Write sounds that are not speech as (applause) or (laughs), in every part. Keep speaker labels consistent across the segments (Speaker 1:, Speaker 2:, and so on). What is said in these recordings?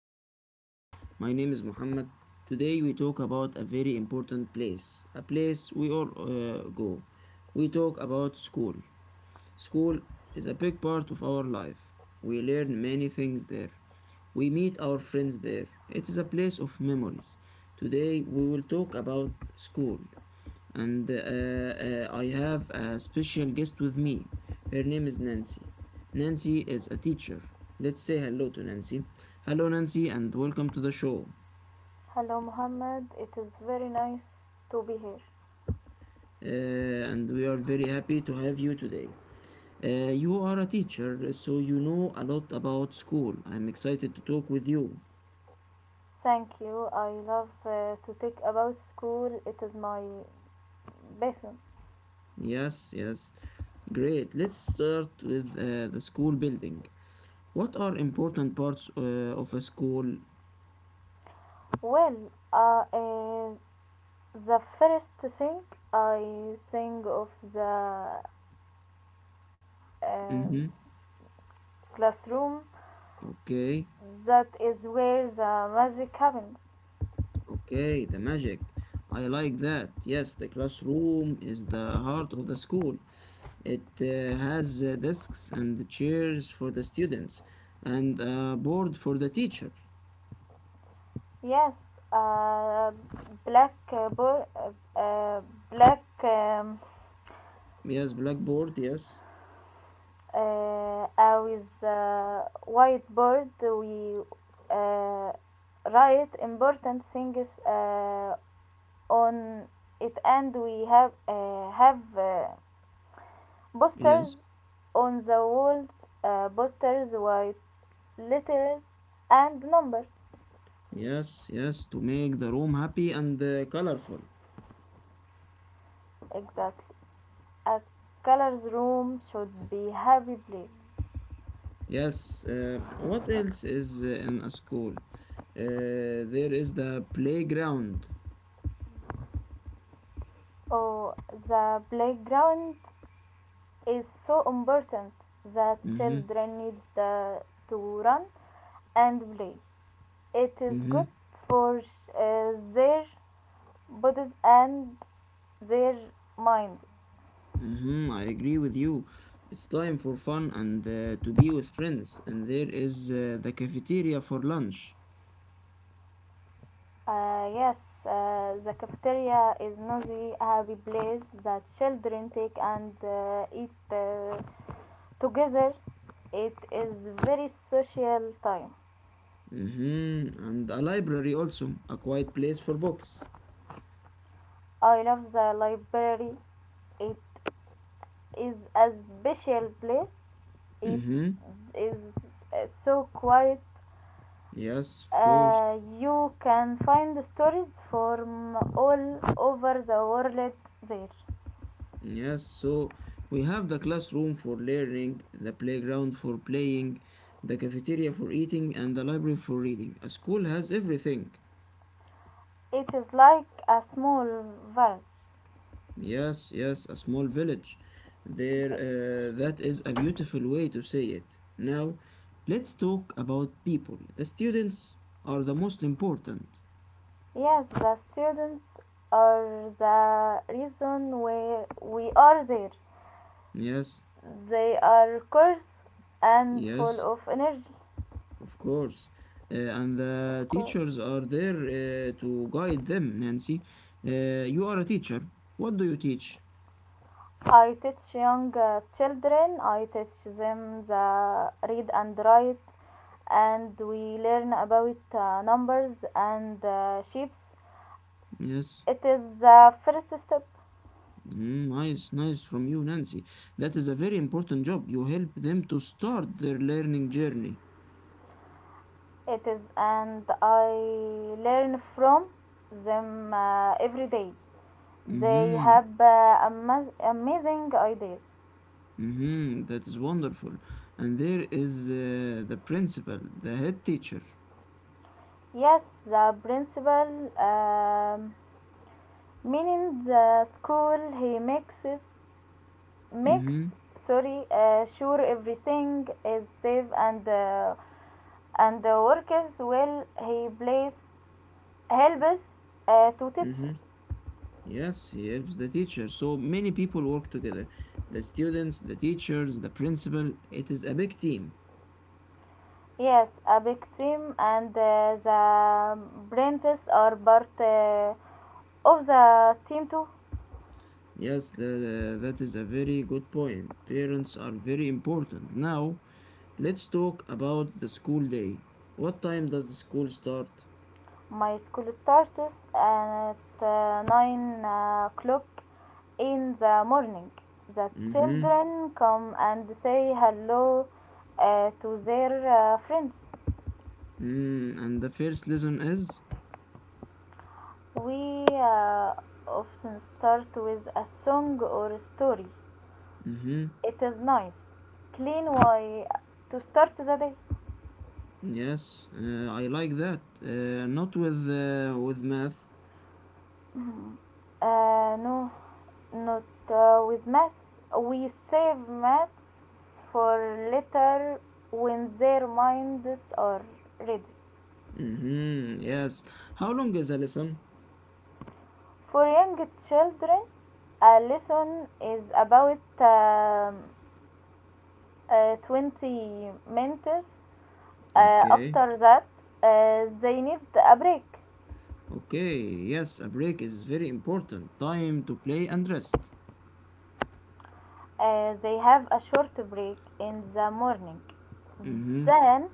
Speaker 1: English Talk. My name is Muhammad. Today we talk about a very important place, a place we all go. We talk about school. School is a big part of our life. We learn many things there. We meet our friends there. It is a place of memories. Today we will talk about school and I have a special guest with me. Her name is Nancy. Nancy is a teacher. Let's say hello to Nancy. Hello, Nancy, and welcome to the show.
Speaker 2: Hello, Muhammad, it is very nice to be here.
Speaker 1: And we are very happy to have you today. You are a teacher, so you know a lot about school. I'm excited to talk with you.
Speaker 2: Thank you. I love to talk about school. It is my passion.
Speaker 1: Yes, yes. Great. Let's start with the school building. What are important parts of a school?
Speaker 2: Well, uh, uh, the first thing I think of the um
Speaker 1: Mm-hmm.
Speaker 2: classroom,
Speaker 1: Okay.
Speaker 2: that is where the magic happens.
Speaker 1: Okay, the magic. I like that. Yes, the classroom is the heart of the school. It has desks and chairs for the students and a board for the teacher.
Speaker 2: Yes, uh, blackboard, uh, bo- uh, uh, black.
Speaker 1: Yes, blackboard. Yes,
Speaker 2: With whiteboard we uh, write important things on it, and we have posters
Speaker 1: yes,
Speaker 2: on the walls, posters with letters and numbers.
Speaker 1: yes, yes, to make the room happy and colorful.
Speaker 2: Exactly, a colors room should be happy place.
Speaker 1: Yes, what else is in a school? There is the playground.
Speaker 2: Oh, the playground is so important, that
Speaker 1: Mm-hmm,
Speaker 2: children need to run and play. It is
Speaker 1: mm-hmm.
Speaker 2: good for their bodies and their mind.
Speaker 1: Mm-hmm, I agree with you. It's time for fun and to be with friends, and there is the cafeteria for lunch.
Speaker 2: Yes, the cafeteria is noisy, happy place that children take and eat together. It is very social time.
Speaker 1: Mm-hmm, and a library also, a quiet place for books.
Speaker 2: I love the library. It is a special place. It
Speaker 1: Mm-hmm,
Speaker 2: is so quiet.
Speaker 1: yes, of course.
Speaker 2: You can find stories from all over the world there.
Speaker 1: Yes, so we have the classroom for learning, the playground for playing, the cafeteria for eating, and the library for reading. A school has everything.
Speaker 2: It is like a small village.
Speaker 1: Yes, yes, a small village.
Speaker 2: Village.
Speaker 1: That is a beautiful way to say it. Now, let's talk about people. The students are the most important.
Speaker 2: Yes, the students are the reason why we are there.
Speaker 1: Yes,
Speaker 2: They are course and full
Speaker 1: yes,
Speaker 2: of energy,
Speaker 1: of course. And
Speaker 2: of
Speaker 1: the
Speaker 2: course.
Speaker 1: teachers are there to guide them, Nancy. You are a teacher. What do you teach?
Speaker 2: I teach young children, I teach them the read and write, and we learn about numbers and shapes.
Speaker 1: Yes.
Speaker 2: It is the first step.
Speaker 1: Mm, nice, nice from you, Nancy. That is a very important job. You help them to start their learning journey.
Speaker 2: It is, and I learn from them every day. They
Speaker 1: Mm-hmm.
Speaker 2: have amazing ideas.
Speaker 1: Mhm, that is wonderful. And there is the principal, the head teacher.
Speaker 2: Yes, the principal meaning the school he makes
Speaker 1: Mm-hmm.
Speaker 2: sorry sure everything is safe and and the workers will he place help us to
Speaker 1: Mm-hmm.
Speaker 2: teachers.
Speaker 1: Yes, he helps the teacher. So many people work together. The students, the teachers, the principal. It is a big team.
Speaker 2: Yes, a big team, and the apprentices are part of the team too.
Speaker 1: Yes, that is a very good point. Parents are very important. Now, let's talk about the school day. What time does the school start?
Speaker 2: My school starts at 9 o'clock in the morning. The
Speaker 1: Mm-hmm.
Speaker 2: children come and say hello to their friends.
Speaker 1: Mm, and the first lesson is?
Speaker 2: We often start with a song or a story.
Speaker 1: Mm-hmm.
Speaker 2: It is nice, clean way to start the day.
Speaker 1: Yes, I like that. Not with with math.
Speaker 2: No, not with maths. We save maths for later when their minds are ready.
Speaker 1: Mm-hmm. Yes. How long is a lesson?
Speaker 2: For young children, a lesson is about 20 minutes.
Speaker 1: Okay.
Speaker 2: After that, they need a break.
Speaker 1: Okay. Yes, a break is very important. Time to play and rest.
Speaker 2: They have a short break in the morning.
Speaker 1: Mm-hmm.
Speaker 2: Then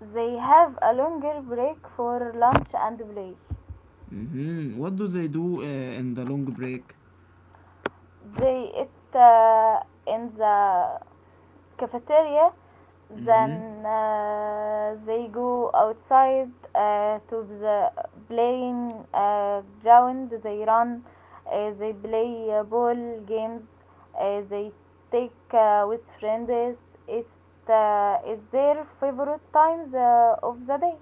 Speaker 2: they have a longer break for lunch and play.
Speaker 1: Mm-hmm. What do they do in the long break?
Speaker 2: They eat in the cafeteria, then
Speaker 1: Mm-hmm.
Speaker 2: they go outside to the playing ground. They run, they play ball games, they take with friends. It is their favorite times of the day.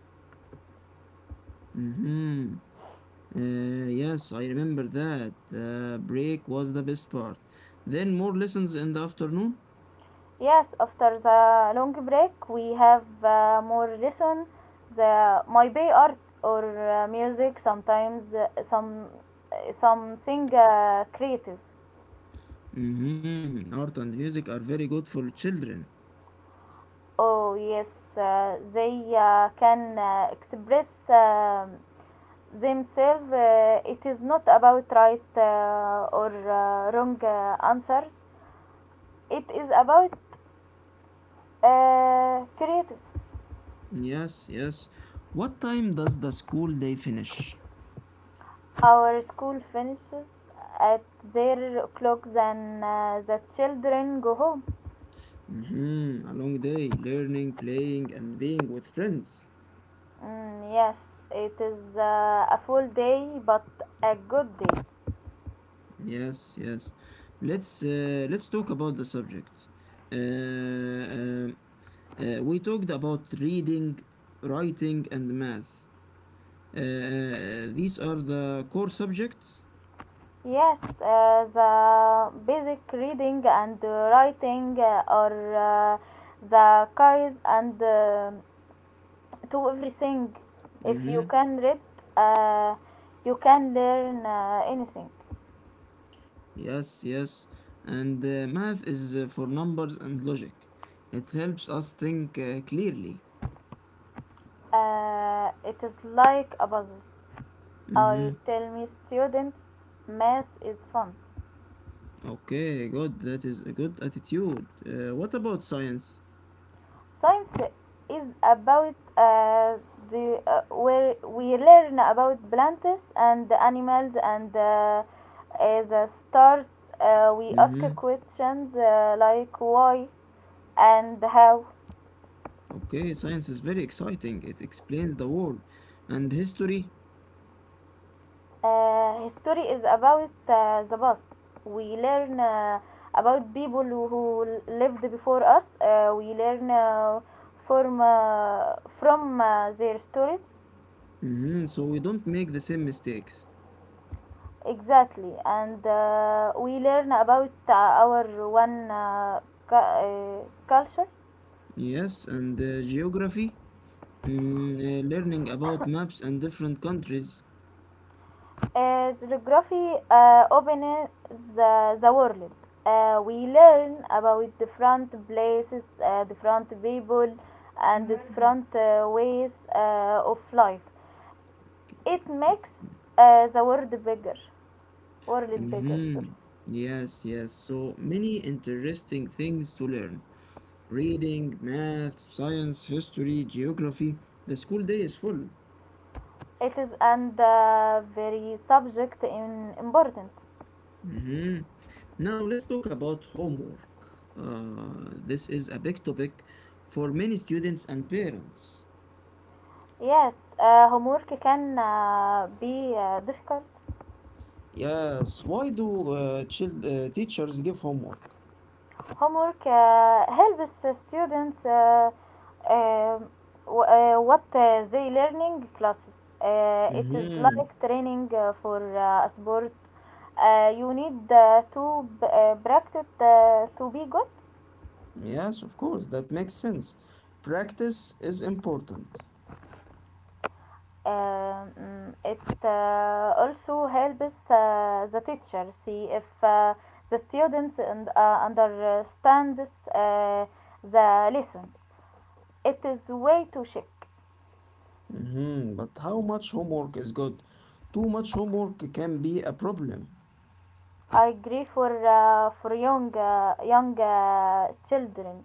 Speaker 1: Mm-hmm. Yes, I remember that. The break was the best part. Then more lessons in the afternoon.
Speaker 2: Yes, after the long break, we have more lesson. The my bay art or music, sometimes something creative.
Speaker 1: Mm-hmm. Art and music are very good for children.
Speaker 2: Oh yes, they can express themselves. It is not about right or wrong answers. It is about creative.
Speaker 1: Yes, yes. What time does the school day finish?
Speaker 2: Our school finishes at their o'clock, then the children go home.
Speaker 1: Hmm. A long day, learning, playing, and being with friends.
Speaker 2: Mm, yes, it is a full day but a good day.
Speaker 1: Yes, yes. Let's talk about the subject. Uh, um, we talked about reading, writing, and math. These are the core subjects.
Speaker 2: Yes, the basic reading and writing are the keys and to everything. If you
Speaker 1: Hmm.
Speaker 2: can read, uh, you can learn anything.
Speaker 1: Yes, yes. And math is for numbers and logic. It helps us think clearly.
Speaker 2: It is like a puzzle. I
Speaker 1: Mhm.
Speaker 2: tell my students math is fun.
Speaker 1: Okay, good. That is a good attitude. What about science?
Speaker 2: Science is about the where we learn about plants and animals and the stars. We ask
Speaker 1: Mm-hmm.
Speaker 2: questions like why and how.
Speaker 1: Okay, science is very exciting. It explains the world and history.
Speaker 2: History is about the past. We learn about people who lived before us. We learn from their stories.
Speaker 1: Mm-hmm. So we don't make the same mistakes.
Speaker 2: Exactly, and we learn about our one culture.
Speaker 1: Yes, and geography. Mm, learning about maps and different countries.
Speaker 2: Geography opens the world. We learn about different places, different people, and different ways of life. It makes the world bigger. World bigger. Sorry.
Speaker 1: Mm-hmm. Yes, yes. So many interesting things to learn. Reading, math, science, history, geography. The school day is full.
Speaker 2: It is, and very subject in important.
Speaker 1: Mhm. Now let's talk about homework. This is a big topic for many students and parents.
Speaker 2: Yes, homework can be difficult.
Speaker 1: Yes, why do teachers give homework?
Speaker 2: Homework helps students uh, what they learning classes. It is
Speaker 1: Hmm.
Speaker 2: like training for a sport. You need practice to be good.
Speaker 1: Yes, of course, that makes sense. Practice is important.
Speaker 2: It also helps the teacher see if the students and, understand uh, the lesson. It is way to check.
Speaker 1: Mhm. But how much homework is good? Too much homework can be a problem.
Speaker 2: I agree for for young children.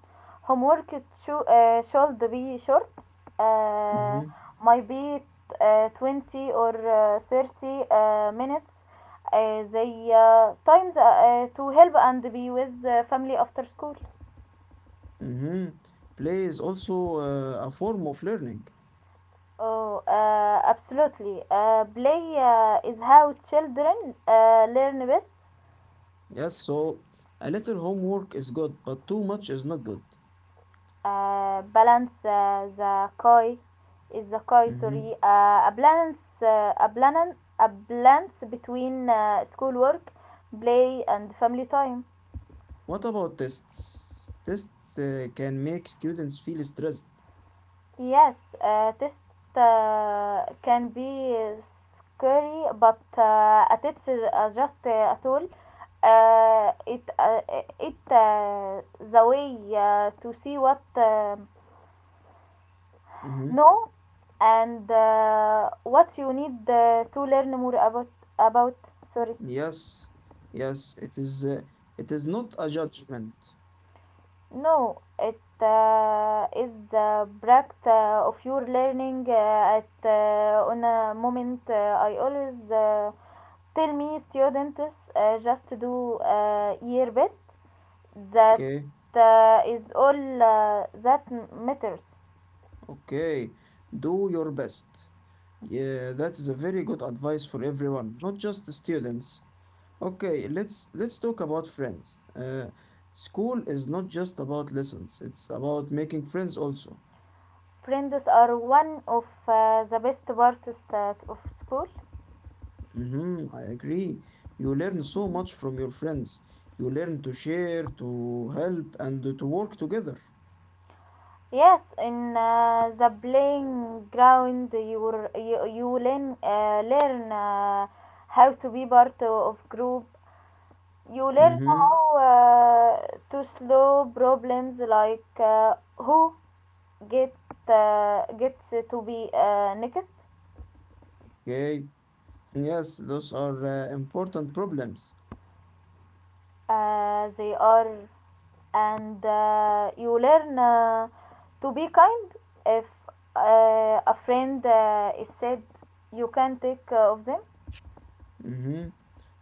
Speaker 2: Homework should be short. Uh,
Speaker 1: Hmm.
Speaker 2: might be 20 or 30 minutes. They times to help and be with family after school.
Speaker 1: Hmm. Play is also a form of learning.
Speaker 2: Oh, absolutely. Play is how children learn best.
Speaker 1: Yes, so a little homework is good, but too much is not good.
Speaker 2: Balance the koi is the koi
Speaker 1: Hmm.
Speaker 2: sorry a balance a balance a balance between schoolwork, play and family time.
Speaker 1: What about tests? Tests can make students feel stressed.
Speaker 2: Yes, test can be scary, but a test is just a tool. It it The way to see what
Speaker 1: Hmm.
Speaker 2: no, and what you need to learn more about sorry.
Speaker 1: Yes, yes, it is. It is not a judgment.
Speaker 2: No, it is the product of your learning at on a moment. I always tell me students just do your best. That
Speaker 1: Okay,
Speaker 2: is all that matters.
Speaker 1: okay. Do your best. Yeah, that is a very good advice for everyone, not just the students. Okay, let's talk about friends. School is not just about lessons; it's about making friends also.
Speaker 2: Friends are one of the best parts of school.
Speaker 1: Hmm. I agree. You learn so much from your friends. You learn to share, to help, and to work together.
Speaker 2: Yes, in the playing ground, you, you learn how to be part of group. You learn
Speaker 1: Mm-hmm.
Speaker 2: how to slow problems like who get gets to be next.
Speaker 1: Okay. Yes, those are important problems.
Speaker 2: They are, and you learn to be kind. If a friend is said, you can take of them.
Speaker 1: Mm-hmm.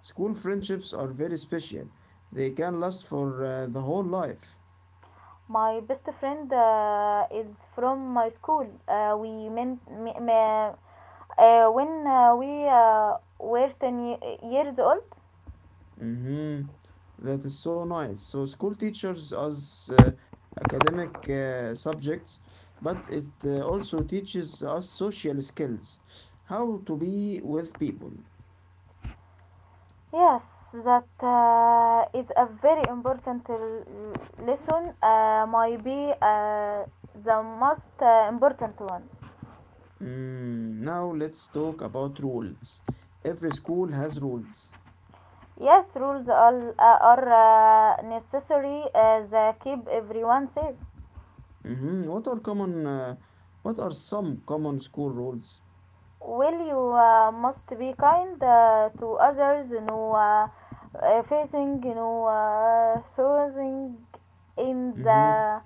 Speaker 1: School friendships are very special. They can last for the whole life.
Speaker 2: My best friend is from my school. We meant when we were 10 years old.
Speaker 1: Mhm. That is so nice. So school teachers us academic subjects, but it also teaches us social skills, how to be with people.
Speaker 2: Yes, that is a very important lesson. Might be the most important one.
Speaker 1: Mm, now let's talk about rules. Every school has rules.
Speaker 2: Yes, rules are necessary that keep everyone safe.
Speaker 1: Mhm. What are common? What are some common school rules?
Speaker 2: Well, you must be kind to others, you know, facing, you know, showing in
Speaker 1: Mhm.
Speaker 2: the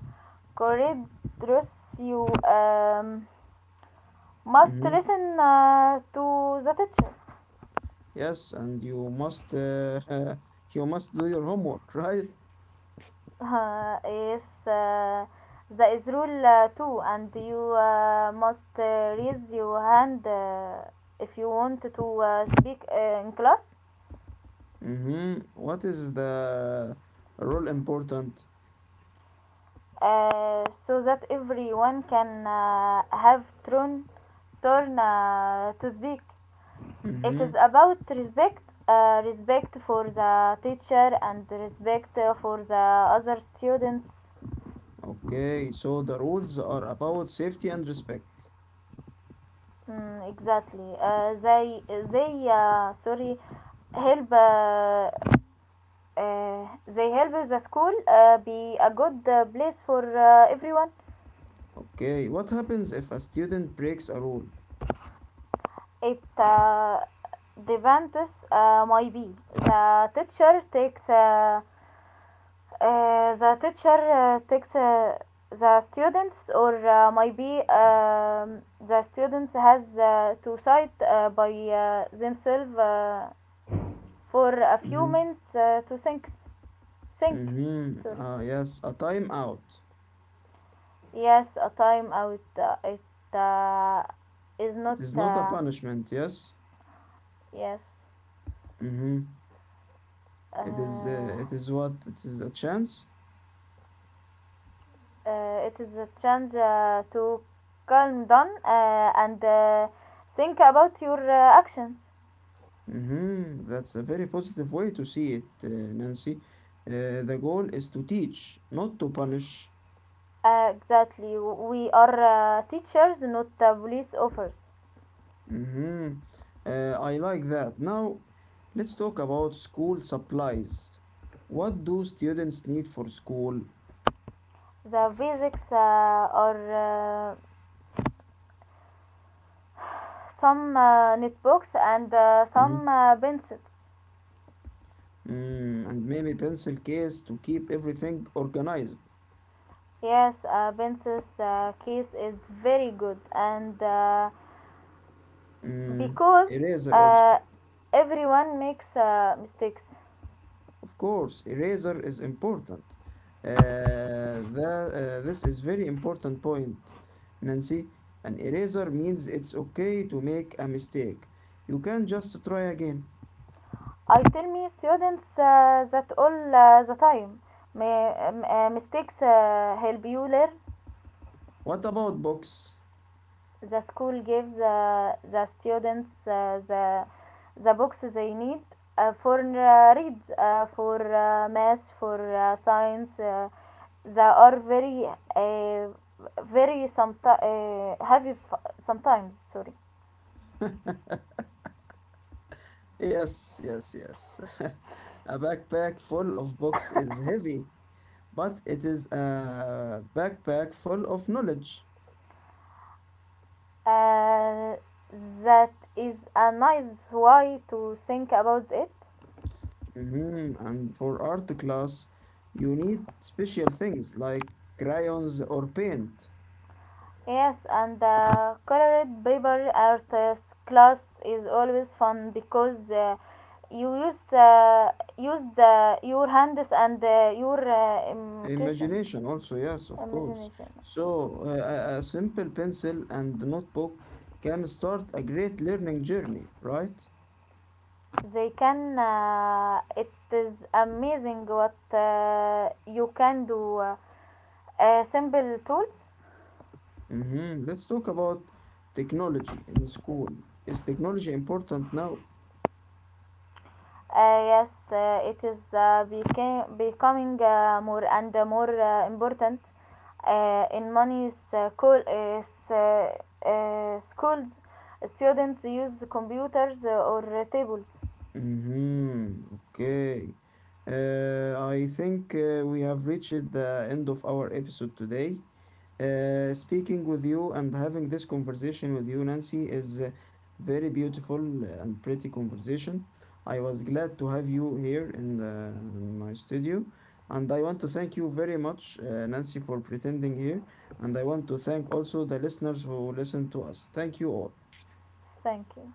Speaker 2: corridors. You must
Speaker 1: Mhm.
Speaker 2: listen to the teacher. (laughs)
Speaker 1: Yes, and you must (laughs) you must do your homework, (laughs) right?
Speaker 2: Yes, that is rule too, and you must raise your hand if you want to speak in class.
Speaker 1: Mm-hmm. What is the rule important?
Speaker 2: So that everyone can have turn to speak. It
Speaker 1: Mm-hmm.
Speaker 2: is about respect, respect for the teacher and respect for the other students.
Speaker 1: Okay, so the rules are about safety and respect.
Speaker 2: Mm, exactly. They sorry help. Uh, they help the school be a good place for everyone.
Speaker 1: Okay, what happens if a student breaks a rule?
Speaker 2: It depends, my be the teacher takes the teacher takes the students, or maybe the students has to decide by themselves for a few
Speaker 1: Mm-hmm.
Speaker 2: minutes to think
Speaker 1: Mm-hmm.
Speaker 2: sorry.
Speaker 1: Ah, yes, a timeout.
Speaker 2: Yes, a time out, it is
Speaker 1: It
Speaker 2: not
Speaker 1: is not a punishment, yes?
Speaker 2: yes
Speaker 1: Mm-hmm. It is,
Speaker 2: uh,
Speaker 1: uh, it is what? It is a chance?
Speaker 2: it is a chance to calm down and think about your actions.
Speaker 1: Mm-hmm. That's a very positive way to see it, Nancy. The goal is to teach, not to punish.
Speaker 2: Exactly, we are teachers, not police officers.
Speaker 1: Mhm. Uh, I like that. Now, let's talk about school supplies. What do students need for school?
Speaker 2: The basics are some
Speaker 1: Mhm.
Speaker 2: notebooks and some pencils.
Speaker 1: Mm, and maybe pencil case to keep everything organized.
Speaker 2: Yes, pencils case is very good, and
Speaker 1: Mm,
Speaker 2: because
Speaker 1: eraser also.
Speaker 2: uh, everyone makes mistakes.
Speaker 1: Of course, eraser is important. Uh, this is very important point, Nancy. An eraser means it's okay to make a mistake. You can just try again.
Speaker 2: I tell me students that all the time mistakes help you learn.
Speaker 1: What about books?
Speaker 2: The school gives the students the books they need for read, for math, for science. They are uh, very sometimes heavy sometimes. Sorry.
Speaker 1: Yes, yes, yes. (laughs) A backpack full of books is heavy, but it is a backpack full of knowledge.
Speaker 2: Uh, that is a nice way to think about it.
Speaker 1: Mhm. And for art class, you need special things like crayons or paint.
Speaker 2: Yes, and colored paper art class is always fun because you use your hands and your imagination.
Speaker 1: Imagination also, yes, of course.
Speaker 2: Imagination.
Speaker 1: So, a simple pencil and notebook can start a great learning journey, right?
Speaker 2: They can. It is amazing what you can do. Simple tools.
Speaker 1: Mhm. Let's talk about technology in school. Is technology important now?
Speaker 2: Yes, it is becoming more and more important in many uh, schools. Students use computers or tables.
Speaker 1: Mhm. Okay. I think we have reached the end of our episode today. Speaking with you and having this conversation with you, Nancy, is a very beautiful and pretty conversation. I was glad to have you here in, the, in my studio. And I want to thank you very much, Nancy, for pretending here. And I want to thank also the listeners who listen to us. Thank you all.
Speaker 2: Thank you.